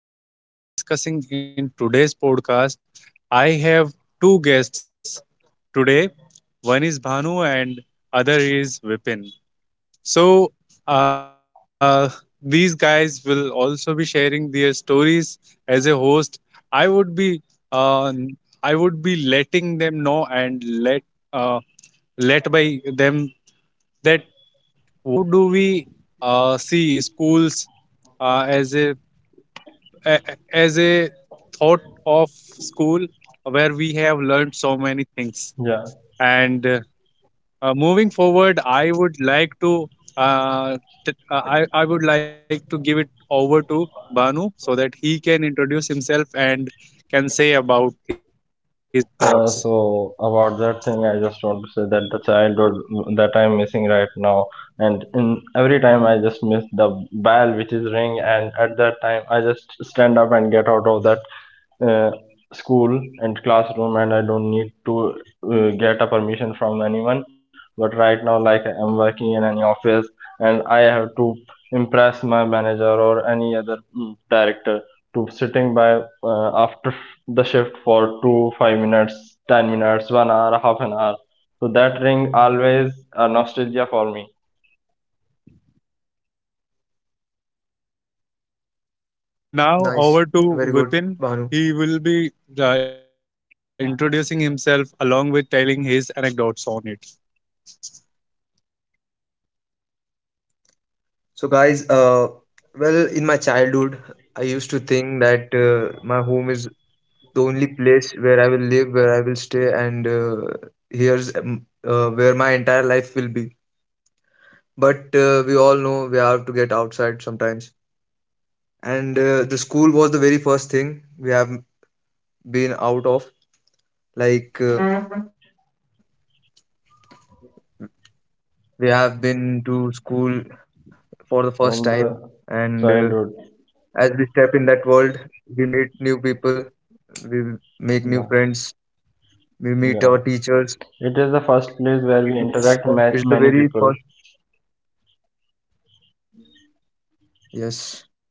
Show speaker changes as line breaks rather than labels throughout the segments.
These are the things we will be discussing in today's podcast. I have two guests today. One is Bhanu and other is Vipin. So uh, these guys will also be sharing their stories as a host. I would be uh, I would be letting them know and uh, let by them that how do we see schools uh, as a, a as a thought of school where we have learned so many things.
Yeah,
And moving forward, I would like to uh, I would like to give it over to Banu so that he can introduce himself and can say about his thoughts.
so about that thing, I just want to say that the childhood that I'm missing right now. And in every time I just miss the bell which is ring, and at that time I just stand up and get out of that uh, school and classroom, and I don't need to get a permission from anyone. But right now, like I'm working in any office and I have to impress my manager or any other director to sitting by after the shift for 2 5 minutes, 10 minutes, 1 hour, half an hour, so that ring always a nostalgia for me
And
Nice.
now over
Very
to
good,
Vipin.
Bhanu.
He will be introducing himself along with telling his anecdotes on it.
So, guys, well, in my childhood, I used to think that my home is the only place where I will live, where I will stay, and here's where my entire life will be. But we all know we have to get outside sometimes. And the school was the very first thing we have been out of. Like, we have been to school for the first
from
time,
the
and uh,
childhood.
As we step in that world, we meet new people, we make new
Yeah,
friends, we meet
yeah,
our teachers.
it is the first place where we
It's,
interact
it's the
many
very
people.
first. Yes,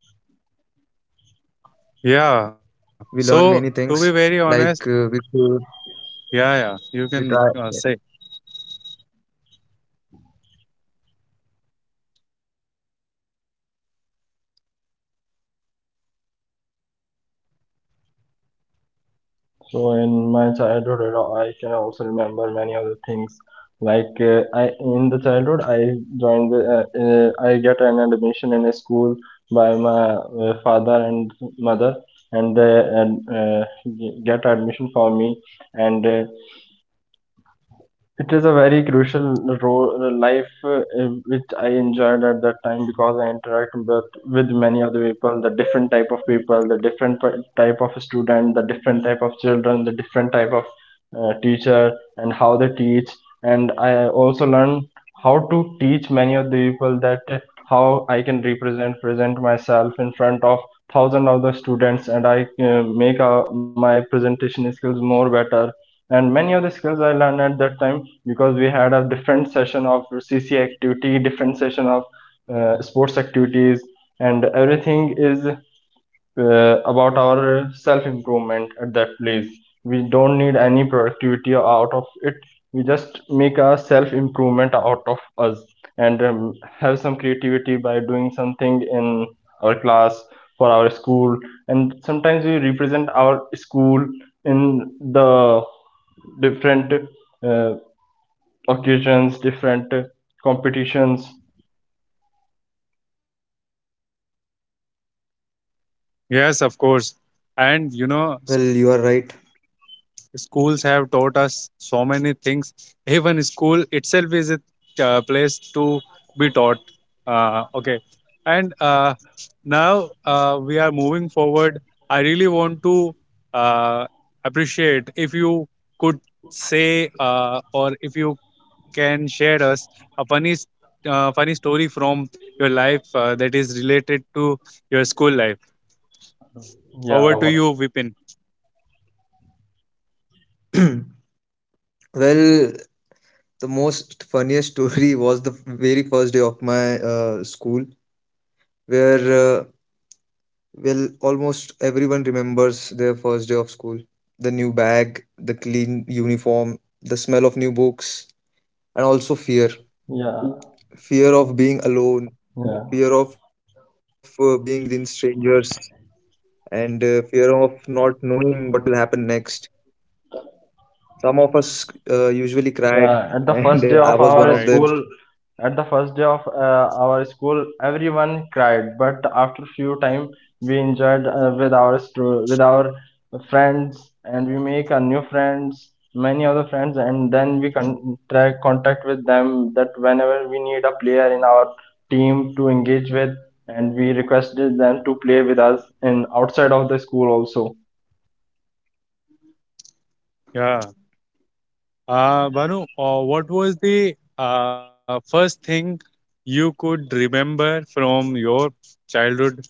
Yeah.
we learn
So
many
to be
things,
very honest,
like we could,
yeah, yeah, you can
we try.
say.
So in my childhood, you know, I can also remember many other things. Like I in the childhood, I joined I get an admission in a school by my father and mother, and get admission for me. And it is a very crucial role life which I enjoyed at that time because I interact with many other people: the different type of people, the different type of student, the different type of children, the different type of teacher, and how they teach. And I also learn how to teach many of the people that how I can represent present myself in front of thousand of the students, and I make my presentation skills more better. And many of the skills I learned at that time because we had a different session of CCA activity, different session of sports activities. And everything is about our self improvement at that place. We don't need any productivity out of it, we just make a self improvement out of us. And have some creativity by doing something in our class for our school, and sometimes we represent our school in the different uh, occasions, different competitions.
Yes, of course.
Well,
And you
you are
know,
right.
schools have taught us so many things. Even school itself is a place to be taught. Okay, and now we are moving forward. I really want to uh, appreciate if you could say or if you can share us a funny story from your life that is related to your school life. Over
yeah
to you, Vipin.
Well, the most funniest story was the very first day of my school, where, well, almost everyone remembers their first day of school. The new bag, the clean uniform, the smell of new books, and also fear
yeah
fear of being alone,
yeah
fear of being within strangers, and fear of not knowing what will happen next. Some of us usually cried,
Yeah, at the
and
first
uh,
day
i
of
Right.
was one
our
of
school,
them.
at the first day of our school, everyone cried. But after few time, we enjoyed with our with our friends, and we make a new friends, many other friends, and then we try contact with them that whenever we need a player in our team to engage with. And we requested them to play with us in outside of the school also.
Yeah. Banu, what was the first thing you could remember from your childhood,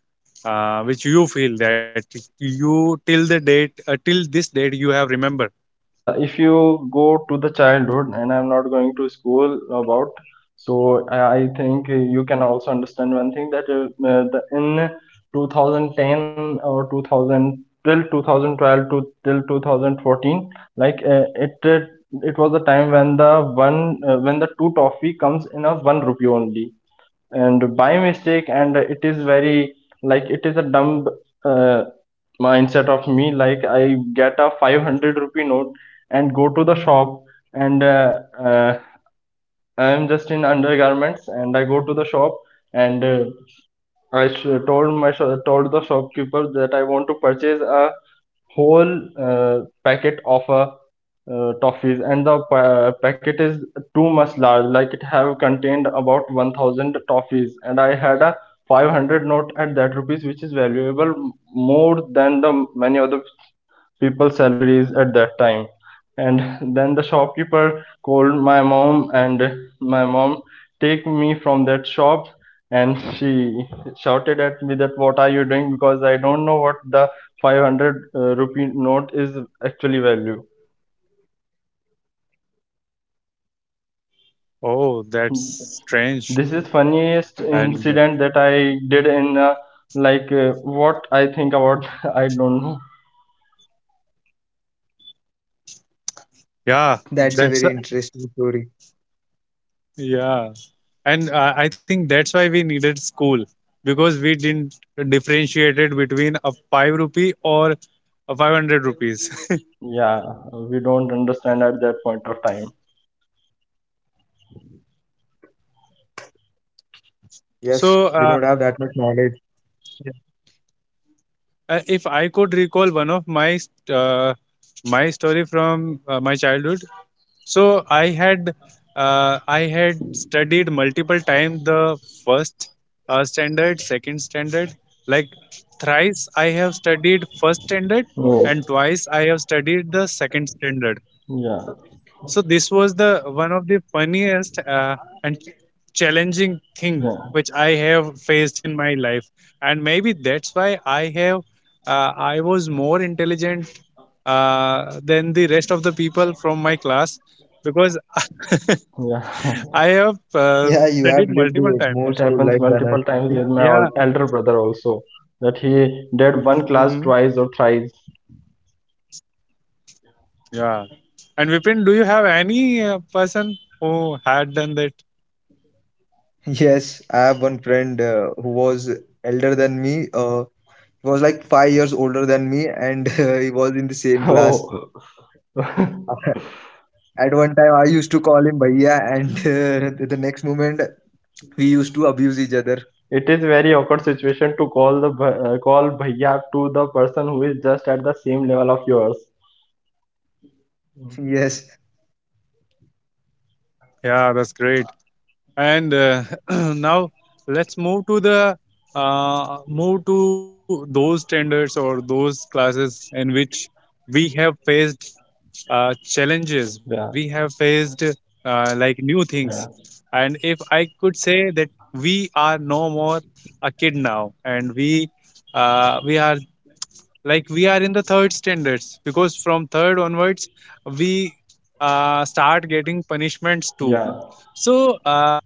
which you feel that you till this date, you have remember?
Yeah, the if you go to the childhood, and I'm not going to school about, so I think you can also understand one thing that in 2010 or 2000 till 2012 to till 2014, like uh, it uh, it was a time when the one when the two toffee comes in a one rupee only. And by mistake, and it is very, like, it is a dumb Uh, mindset of me, like I get a 500 rupee note and go to the shop, and uh, I am just in undergarments and I go to the shop. And I told my told the shopkeeper that I want to purchase a whole packet of a toffees, and the packet is too much large, like it have contained about 1000 toffees. And I had a 500 note at that rupees, which is valuable more than the many other people's salaries at that time. And then the shopkeeper called my mom, and my mom take me from that shop, and she shouted at me that what are you doing, because I don't know what the 500 rupee note is actually value.
Oh, that's
This is
strange.
funniest incident
And
that I did in like uh, what I think about, I don't know.
That's
yeah,
a very
that's,
interesting story.
yeah. And I think that's why we needed school because we didn't differentiate it between a 5 rupee or a 500 rupees.
Yeah, we don't understand at that point of time,
Yes,
So.
we don't have that much knowledge.
If I could recall one of uh, my story from my childhood, so I had studied multiple times the first standard, second standard. Like thrice I have studied first standard,
so
and twice I have studied the second standard.
yeah,
So this was the one of the funniest and challenging thing
yeah.
which I have faced in my life, and maybe that's why I was more intelligent than the rest of the people from my class because I
Yeah,
have
Yeah, you have
studied
lived
multiple
more
times.
it
school life
happens
than us.
multiple times with my
Yeah.
elder brother also, that he did one class
Hmm.
twice or thrice.
Yeah. And Vipin, do you have any person who had done that?
Yes, I have one friend who was elder than me, he was like 5 years older than me, and he was in the same class.
Oh,
At one time, I used to call him Bhaiya, and the next moment, we used to abuse each other.
it is very awkward situation to call the bh- call bhaiya to the person who is just at the same level of yours.
Yes.
Yeah, that's great. And now let's move to those standards or those classes in which we have faced challenges we
Yeah,
have faced like new things,
yeah,
and if I could say that we are no more a kid now, and we are like we are in the third standards because from third onwards we start getting punishments too.
yeah.
So uh,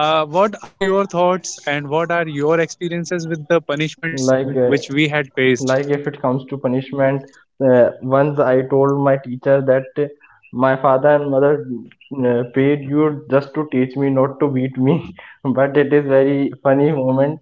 uh, what are your thoughts and what are your experiences with the punishments
Like uh,
which we had
like
faced?
if it comes to punishment, once I told my teacher that my father and mother paid you just to teach me, not to beat me. But it is very funny moment.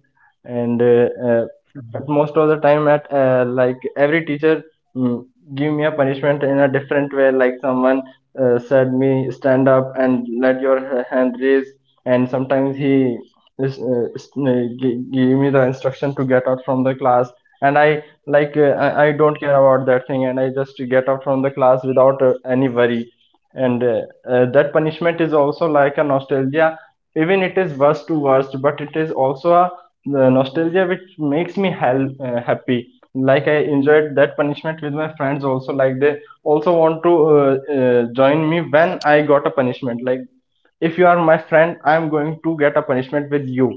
And at most of the time, at like every teacher mm, give me a punishment in a different way, like someone said me stand up and let your hand raise. And sometimes he give me the instruction to get out from the class. And I, I don't care about that thing, and I just get up from the class without any worry. And that punishment is also like a nostalgia. Even it is worst to worst, but it is also a nostalgia which makes me hell, happy. Like I enjoyed that punishment with my friends also, like they also want to join me when I got a punishment. Like, if you are my friend, I am going to get a punishment with you,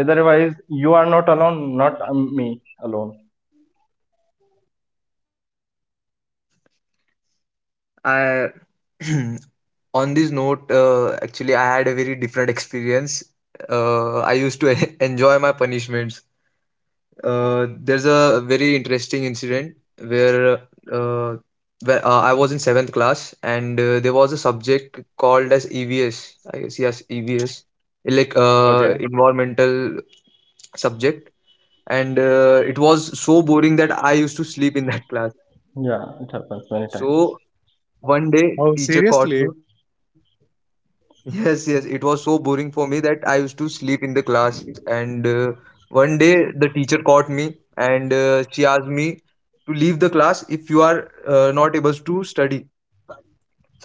otherwise you are not alone, not me alone.
I On this note, actually, I had a very different experience. I used to enjoy my punishments.
Okay,
There's a very interesting incident where, uh, I was in seventh class, and there was a subject called as EVS. I guess, yes, EVS, like
okay.
environmental subject, and it was so boring that I used to sleep in that class.
Yeah, it happens many times.
So one day,
Oh,
teacher caught me.
seriously?
Yes, yes, it was so boring for me that I used to sleep in the class. And one day, the teacher caught me, and she asked me to leave the class if you are not able to study.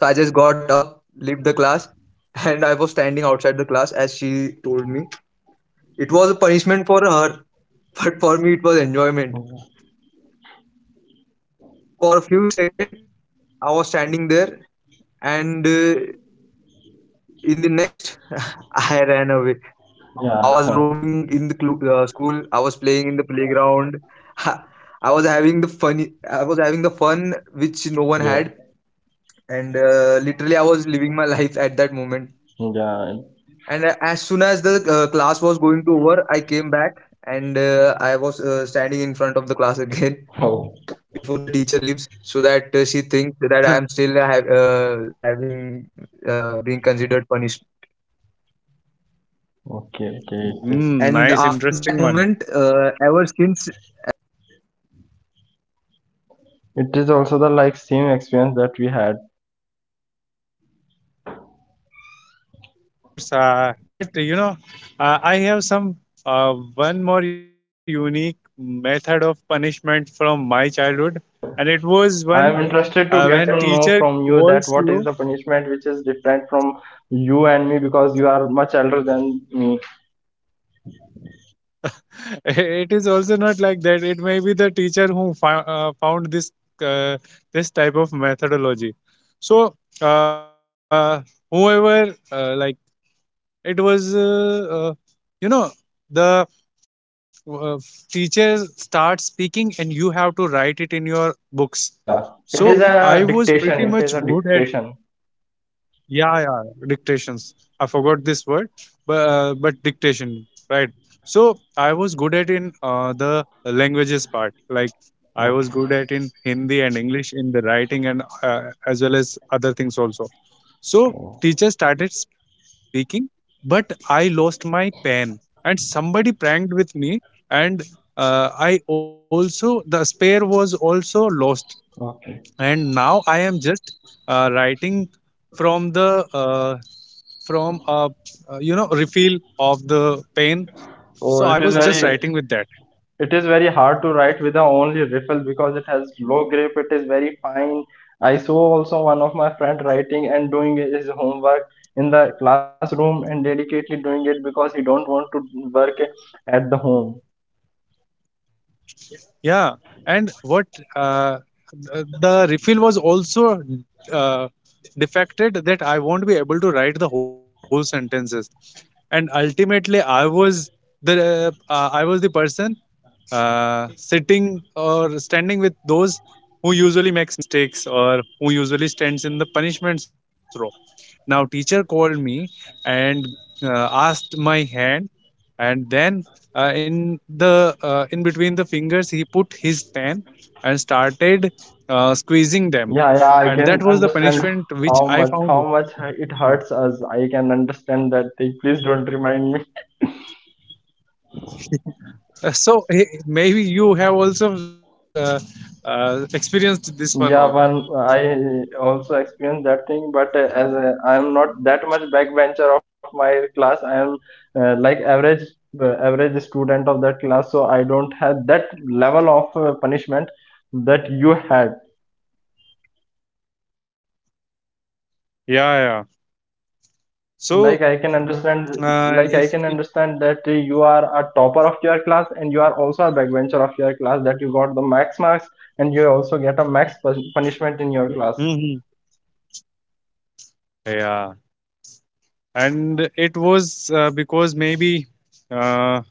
So I just got up, left the class, and I was standing outside the class as she told me. It was a punishment for her, but for me, it was enjoyment.
Yeah,
For a few seconds, I was standing there, and in the next I ran away. I was
yeah.
roaming, I was having the fun which no one had. And literally, I was in the school, I was playing in the
Yo,
playground. I was having the fun, I was living my life at that moment.
yeah.
And as soon as the class was going to over, I came back, and I was standing in front of the class again,
Oh,
before the teacher leaves, so that she thinks that I
mm,
am still having being considered punished.
okay, okay.
And
Nice,
after that
interesting one.
moment, ever since that subject used to come, ever
It is
since
also
that
the
period
like
was
same
there,
experience that we had.
I used to go and stand outside of the class, and as
Yeah,
soon
of
as
course.
teacher enters, I
But
used to
you know,
leave.
I have some
I never
one
attended the
more
that
unique
class.
method of punishment from my
I
childhood,
mean,
and it was
I am interested to get
when
to know
teacher
from you that
calls
what is
you.
the punishment which is different from you and me, because you are much elder than me.
It is also not like that. It may be the teacher who found uh, this type of methodology. So
What are your
uh,
thoughts
whoever,
about it, guys?
it was, you know the uh, teacher starts speaking and you have to write it in your books.
Yeah, yeah.
So
It is
I was
a
pretty
dictation.
much
It
good
is a
at,
dictation.
yeah, yeah, dictations. I forgot this word, but but dictation, right? So I was good at in the languages part. Like I was
Okay.
good at in Hindi and English in the writing, and as well as other things also. So
Okay.
teacher started speaking, but I lost my pen, and somebody pranked with me, and I also the spare was also lost.
Okay.
And now I am just writing from the uh, from refill of the pen.
Oh, it is
So I
very
was just writing with that,
It is very hard to write with the only riffle because it has low grip. It is very fine. I saw also one of my friend writing and doing his homework in the classroom, and dedicatedly doing it because he don't want to work at the home.
yeah. And what uh, the refill was also uh, defected that I won't be able to write the whole sentences. And ultimately I was the the person sitting or standing with those who usually makes mistakes or who usually stands in the punishments row. Now teacher called me and asked my hand, and then in between the fingers he put his pen and started squeezing them,
Yeah, yeah, I
and that
can
was the
understand
punishment which I found.
how much it hurts us. I can understand that thing. Please don't remind me.
So maybe you have also experienced this one also.
Yeah, one I also experienced that thing, but as I am not that much backbencher of my class, I am like average average student of that class, so I don't have that level of punishment that you had.
Yeah, yeah.
Like like,
So.
I can understand,
Uh,
like I
if
can
if-
understand that you are a topper of your class, and you are also a backbencher of your class, that you got the max marks and you also get a max punishment in your class.
Mhm. Yeah, and it was because maybe uh,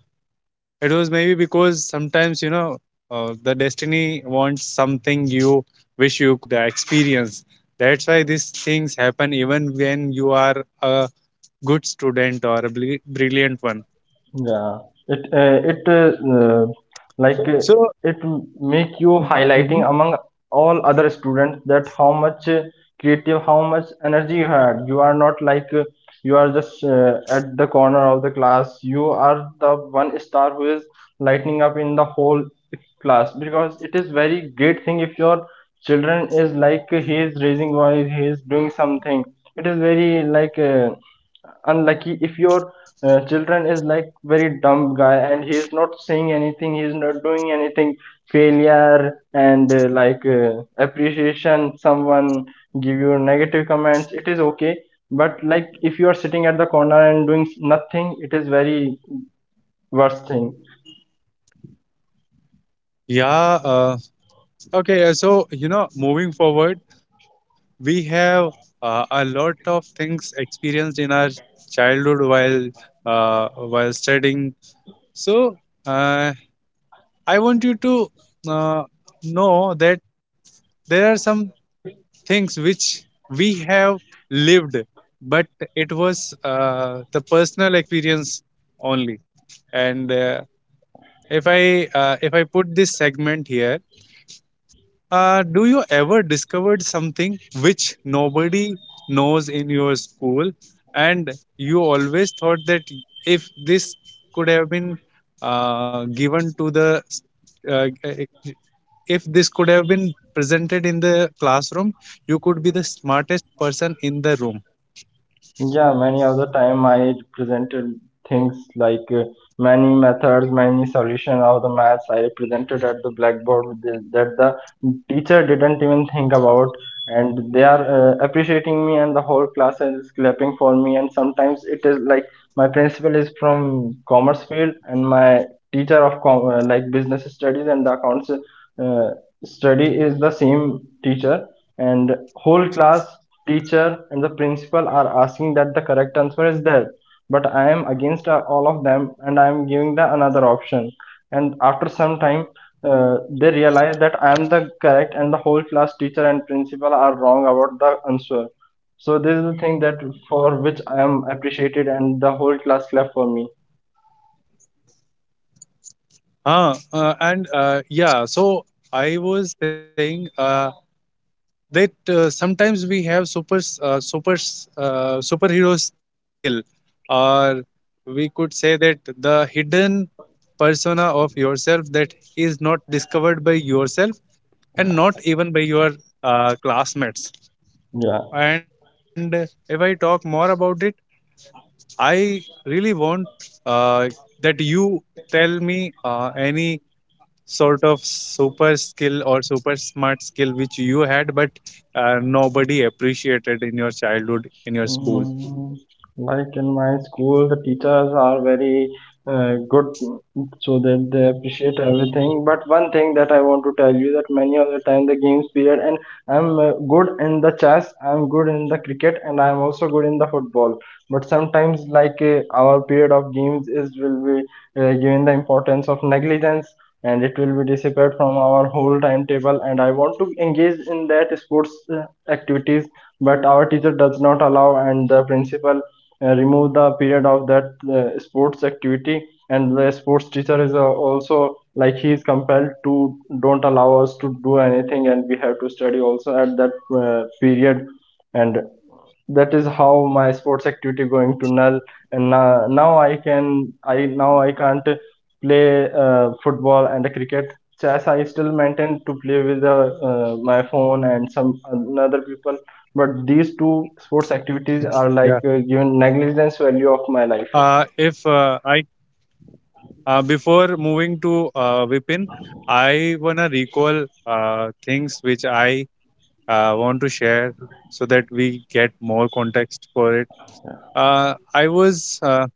it was maybe because sometimes you know the destiny wants something you wish you could experience. That's why these things happen even when you are a good student or a brilliant one.
Yeah, it uh, it uh, like uh,
So.
it make you highlighting
Mhm.
among all other students, that how much creative, how much energy you had. You are not like you are just at the corner of the class. You are the one star who is lighting up in the whole class, because it is very great thing if your children is like he is raising voice, he is doing something. It is very like. Unlucky if your children is like very dumb guy and he is not saying anything, he is not doing anything, failure. And appreciation, someone give you negative comments, it is okay. But like, if you are sitting at the corner and doing nothing, it is very worst thing.
Yeah. Okay, so you know, moving forward, we have a lot of things experienced in our childhood uh, while studying. So uh, I want you to uh, know that there are some things which we have lived, but it was the personal experience only. And if I put this segment here, do you ever discovered something which nobody knows in your school, and you always thought that if this could have been uh, given to the, uh, if this could have been presented in the classroom, you could be the smartest person in the room.
Yeah, many of the time I presented things like many methods, many solution of the maths I presented at the blackboard that the teacher didn't even think about, and they are appreciating me, and the whole class is clapping for me. And sometimes it is like, my principal is from commerce field, and my teacher of business studies and the accounts study is the same teacher. And whole class teacher and the principal are asking that the correct answer is that, but I am against all of them and I am giving the another option. And after some time, they realize that I am the correct and the whole class teacher and principal are wrong about the answer. So this is the thing that for which I am appreciated and the whole class clap for me.
And yeah, so I was saying. That sometimes we have superhero skill, or we could say that the hidden persona of yourself that is not discovered by yourself
Yeah.
and not even by your classmates.
Yeah.
And if I talk more about it, I really want uh, that you tell me any sort of super skill or super smart skill which you had, but nobody appreciated in your childhood in your
Mm,
school.
Like in my school, the teachers are very good, so that they appreciate everything. But one thing that I want to tell you that many of the time the games period, and I'm good in the chess, I'm good in the cricket, and I'm also good in the football. But sometimes, our period of games is will be given the importance of negligence. And it will be disappeared from our whole timetable. And I want to engage in that sports uh, activities, but our teacher does not allow, and the principal remove the period of that sports activity. And the sports teacher is also, like, he is compelled to don't allow us to do anything, and we have to study also at that period. And that is how my sports activity going to null. And now I can't play football and cricket. Chess, I still maintain to play with my phone and some other people. But these two sports activities are, like,
Yeah.
given negligence value of my life.
If I Before moving to Vipin, I wanna recall things which I want to share so that we get more context for it. I was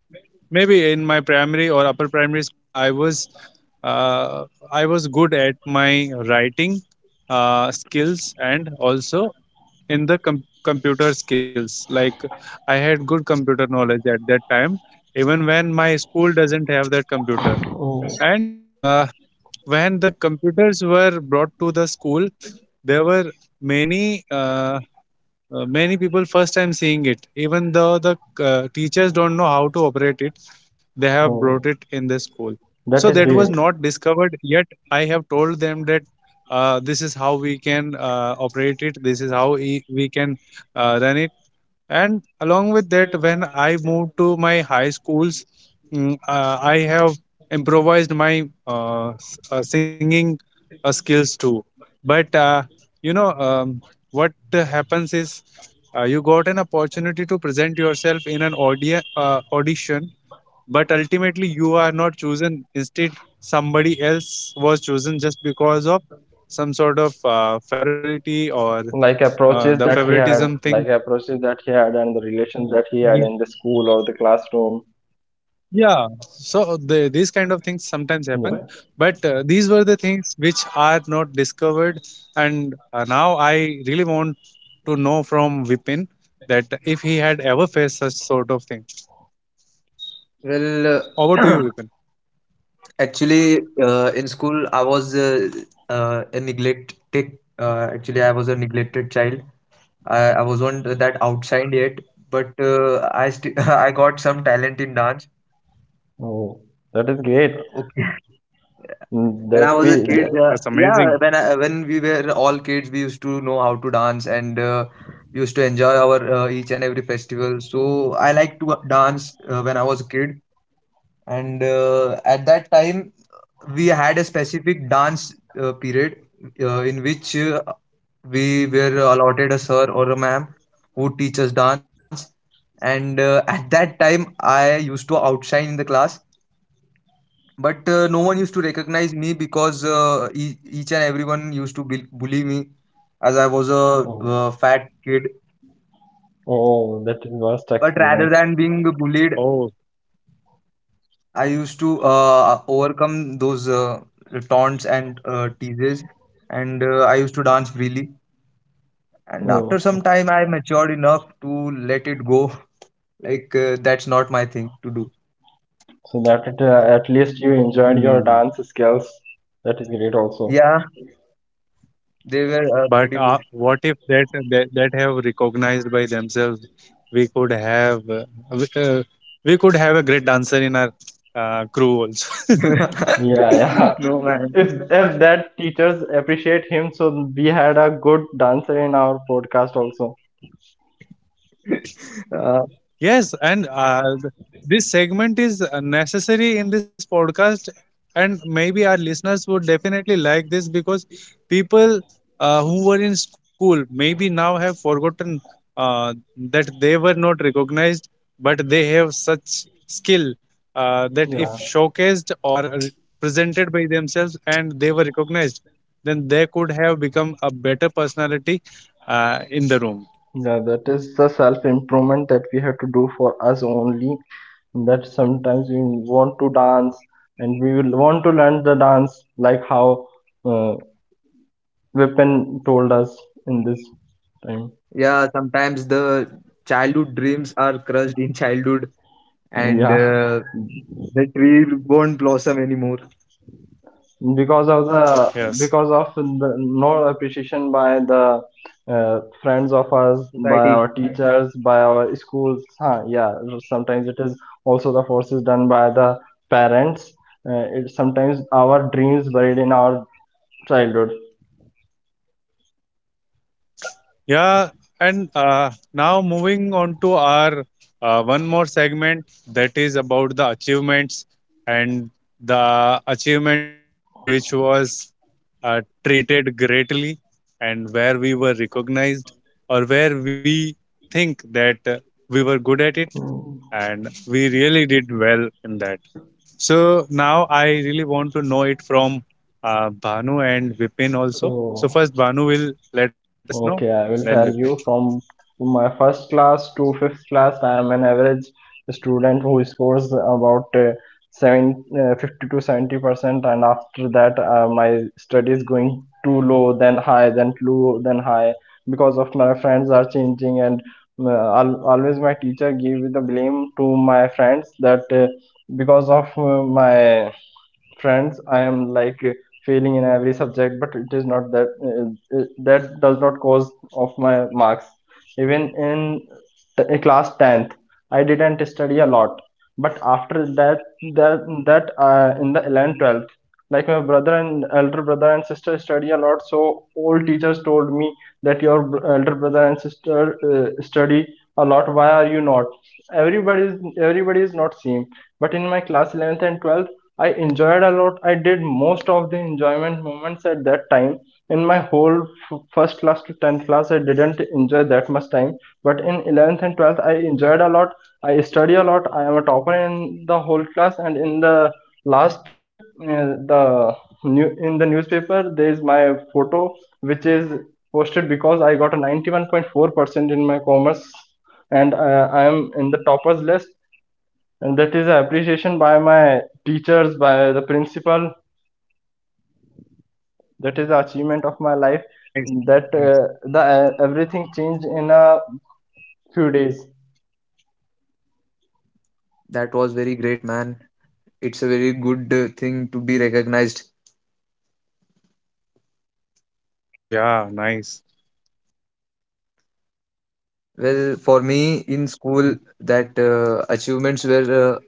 maybe in my primary or upper primary school. Uh, I was good at my writing skills and also in the computer skills, like I had good computer knowledge at that time, even when my school doesn't have that computer.
Oh.
And when the computers were brought to the school, there were many uh, many people first time seeing it, even though the teachers don't know how to operate it.
Oh,
They have brought it in the
that
school,
is great.
so that was not discovered yet. I have told them that this is how we can operate it, this is how we can run it. And along with that, when I moved to my high schools, I have improvised my singing skills too. But you know, what happens is, you got an opportunity to present yourself in an audition, but ultimately you are not chosen, instead somebody else was chosen just because of some sort of favorability, or
Like approaches
the
that he had
favoritism
like
thing.
approaches that he had and the relations that he had in the school or the classroom.
Yeah, so these kind of things sometimes happen.
Yeah.
But these were the things which are not discovered. And now I really want to know from Vipin that if he had ever faced such sort of thing.
Well,
Over
uh,
to you, Vipin.
actually, in school, I was a neglected. Actually, I was a neglected child. I wasn't that outshined yet, but I st I got some talent in dance.
Oh, that is great.
Okay,
Mm.
when
That
I was
we
a kid,
that.
That's
yeah,
amazing.
when we were all kids, we used to know how to dance, and we used to enjoy our each and every festival. So I liked to dance when I was a kid, and at that time, we had a specific dance period in which we were allotted a sir or a ma'am who teach us dance. And at that time, I used to outshine in the class. But no one used to recognize me, because each and everyone used to bully me, as I was a
Oh.
fat kid.
Oh, that is
But
worst
rather than
experience.
being bullied,
Oh.
I used to overcome those taunts and teases, and I used to dance freely. And after some
Oh,
time, I matured enough to let it go. Like, that's not my thing to do.
so that it, at least you enjoyed your dance
Hmm.
skills. That is great also.
Yeah, they were
But
pretty
what if that have recognized by themselves, we could have uh, we, uh, we could have a great dancer in our crew also.
good.
Yeah, yeah.
No,
If
man.
if that teachers appreciate him, so we had a good dancer in our podcast also.
uh,
Yes, and this segment is necessary in this podcast, and maybe our listeners would definitely like this because people who were in school maybe now have forgotten uh, that they were not recognized, but they have such skill that if
Yeah,
showcased or presented by themselves and they were recognized, then they could have become a better personality in the room.
yeah. That is the self improvement that we have to do for us only. That sometimes we want to dance and we will want to learn the dance, like, how. uh, Weapon told us in this time.
yeah, sometimes the childhood dreams are crushed in childhood, and
Yeah,
the tree won't blossom anymore.
I agree.
because of the
Yes.
no appreciation by the friends of ours, by
Society.
our teachers, by our schools. Huh? Yeah, sometimes it is also the forces done by the parents. It sometimes our dreams buried in our childhood.
Yeah, and now moving on to our one more segment that is about the achievements, and the achievements which was uh, treated greatly and where we were recognized or where we think that we were good at it
Mm.
and we really did well in that. So now I really want to know it from Bhanu and Vipin also. So
So.
first Bhanu will let us know,
Okay, I
then
will tell
Vipin.
you, from my first class to fifth class I am an average student who scores about 50 to 70%, and after that, my study is going too low, then high, then low, then high, because of my friends are changing. And always my teacher give the blame to my friends that because of my friends I am, like, failing in every subject. But it is not that, that does not cause of my marks. Even in class 10th I didn't study a lot. But after that, in the 11th 12th, like, my brother and elder brother and sister study a lot, so all teachers told me that your elder brother and sister study a lot. Why are you not? Everybody is everybody is not same. But in my class 11th and 12th, I enjoyed a lot. I did most of the enjoyment moments at that time. In my whole first class to 10th class, I didn't enjoy that much time. But in 11th and 12th, I enjoyed a lot. I study a lot. I am a topper in the whole class. And in the last, the new in the newspaper, there is my photo, which is posted because I got a 91.4% in my commerce, and I am in the toppers list, and that is the appreciation by my teachers, by the principal. That is the achievement of my life,
Nice,
that
nice.
the everything changed in a few days.
That was very great, man. It's a very good thing to be recognized.
Yeah, nice.
Well, for me, in school,
Yeah.
that achievements were,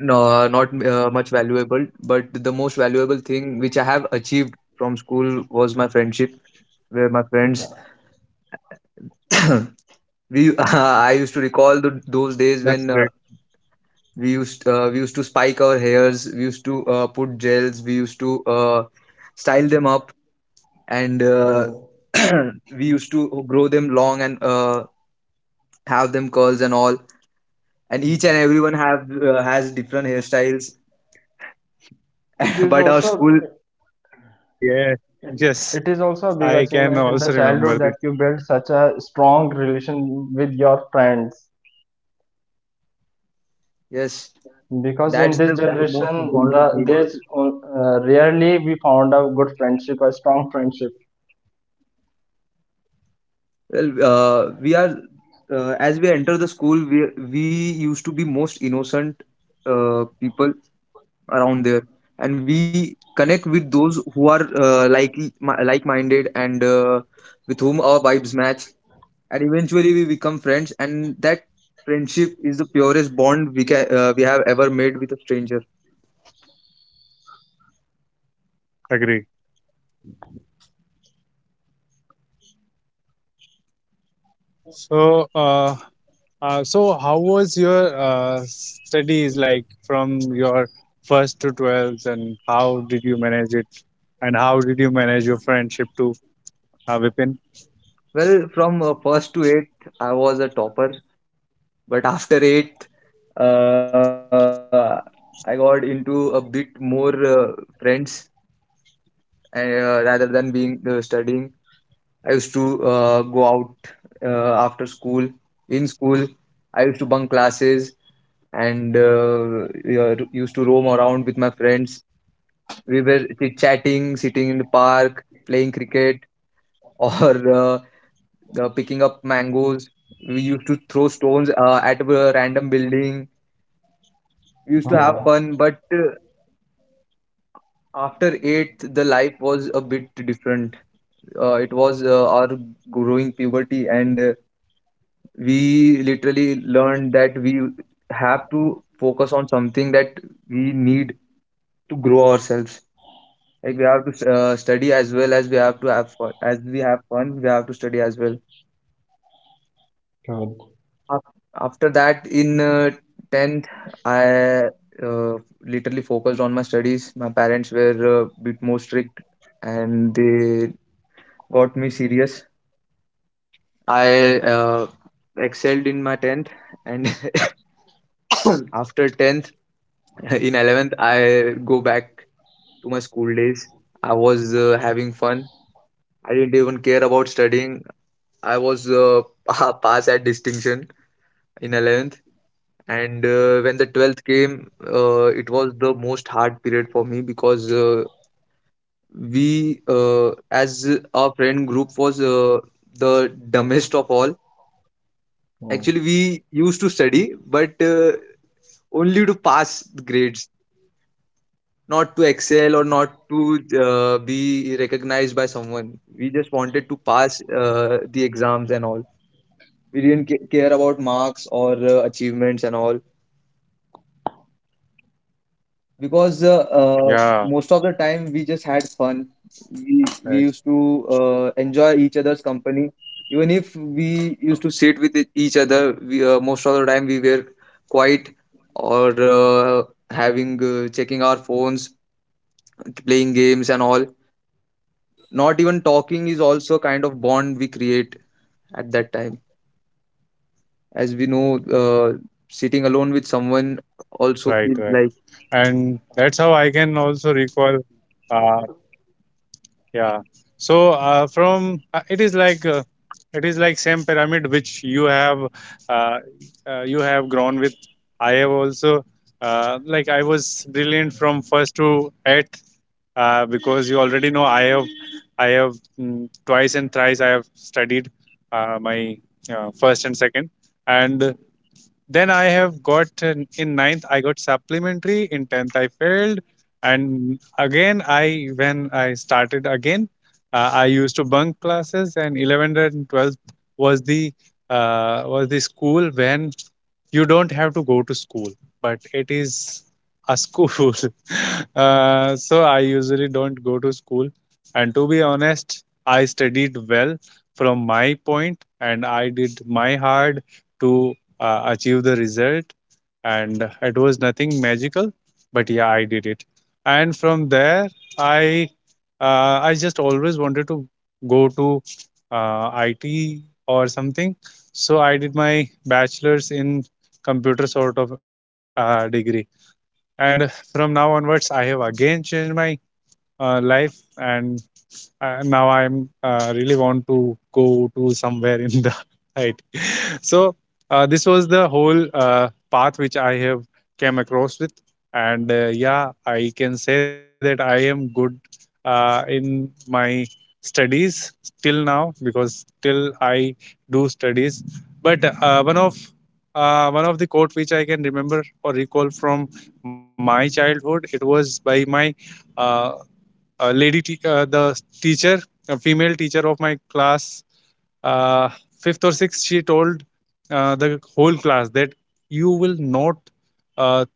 no, not much valuable, but the most valuable thing which I have achieved from school was my friendship, where my friends we I used to recall those days
That's
when,
great.
we used to spike our hairs, we used to put gels, we used to style them up, and
Uh,
we used to grow them long, and have them curls and all. And each and everyone have has different hairstyles.
it is
But our
also
school,
Oh, yeah. Yes,
it is also a big
I can
achievement in
also
the
remember
childhood,
this.
that you build such a strong relation with your friends,
yes.
because
That's
in this
the most
generation the
important thing.
there's uh, rarely we found a good friendship, a strong friendship.
Well, we are as we enter the school, we used to be most innocent people around there, and we connect with those who are, like minded, and with whom our vibes match, and eventually we become friends, and that friendship is the purest bond we have ever made with a stranger.
Agree. So, so how was your studies like from your first to 12th, and how did you manage it, and how did you manage your friendship to Vipin?
Well, from first to eighth, I was a topper. But after eighth, uh, I got into a bit more friends, and rather than being studying, I used to go out after school. In school, used to bunk classes, and yeah, used to roam around with my friends. We were chit-chatting, sitting in the park, playing cricket, or uh, up mangoes. We used to throw stones at a random building. We used to have fun, but after eighth, the life was a bit different. It was our growing puberty, and we literally learned that we have to focus on something that we need to grow ourselves. Like, we have to study, as well as we have to have fun. As we have fun, we have to study as well. Af- After that, in 10th, I uh, literally focused on my studies. My parents were a bit more strict, and they got me serious. I excelled in my 10th, and after 10th, in 11th, I go back to my school days. I was having fun. I didn't even care about studying. I was pass at distinction in 11th. And when the 12th came, it was the most hard period for me, because as our friend group, was the dumbest of all. Actually, we used to study, but only to pass the grades, not to excel or not to be recognized by someone. We just wanted to pass the exams and all. We didn't care about marks or achievements and all, because
Yeah,
most of the time we just had fun.
right,
We used to enjoy each other's company, even if we used to sit with each other. Most of the time, we were quiet or having, checking our phones, playing games and all. Not even talking is also kind of bond we create at that time, as we know.
right,
uh,
right.
Sitting alone with
And that's
someone
how I can
also
also
feels like.
recall. Uh, yeah. So, from it is like. It is like same pyramid which uh, you have grown with. I have also, I was brilliant from first to eighth, because you already know I have twice and thrice I have studied my first and second. And then I have got in ninth, I got supplementary. In 10th, I failed, and again, I when I started again, I used to bunk classes. And 11th and 12th was the school when you don't have to go to school, but it is a school. So I usually don't go to school. And to be honest, I studied well from my point, and I did my hard to achieve the result, and it was nothing magical, but yeah, I did it. And from there i I just always wanted to go to it or something. So I did my bachelor's in computer sort of degree. And from now onwards I have again changed my life, and now I'm really want to go to somewhere in the it. So this was the whole path which I have came across with. And yeah, I can say that I am good in my studies till now because till I do studies. But one of the quote which I can remember or recall from my childhood, it was by my uh, the teacher, a female teacher of my class, uh, fifth or sixth, she told the whole class that you will not uh,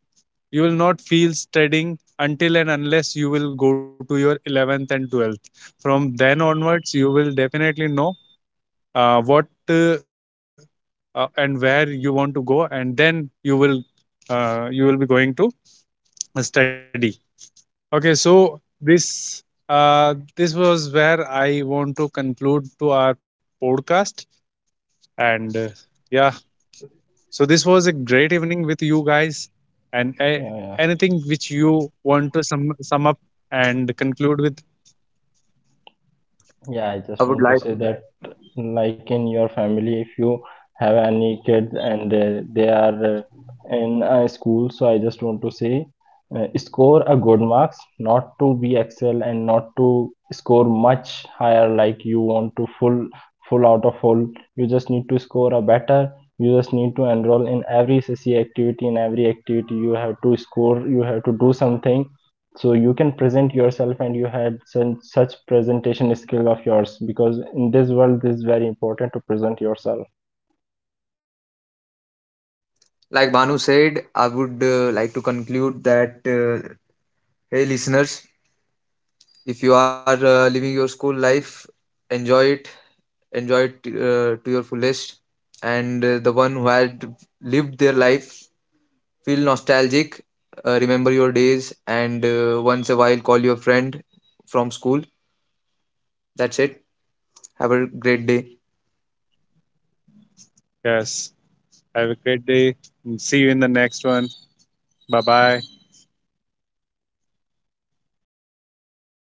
you will not feel studying until and unless you will go to your 11th and 12th. From then onwards, you will definitely know what, and where you want to go, and then you will be going to study. Okay, so this was where I want to conclude to our podcast, and yeah, so this was a great evening with you guys. And
Yeah, yeah,
anything which you want to sum up and conclude with?
yeah. I
i
just
would
want to
like
say that, like, in your family, if you have any kids and they are in a school, so I just want to say, score a good marks, not to be excel and not to score much higher, like you want to full out of full. You just need to score a better. You just need to enroll in every C C activity, in every activity you have to score. You have to do something, so you can present yourself and you had some, such presentation skill of yours, because in this world this is very important to present yourself
like Banu said, I would like to conclude that, hey, listeners, if you are living your school life, enjoy it, enjoy it to your fullest. And the one who had lived their life, feel nostalgic, remember your days, and once a while, call your friend from school. That's it. Have a great day.
Yes. Have a great day. See you in the next one. Bye bye.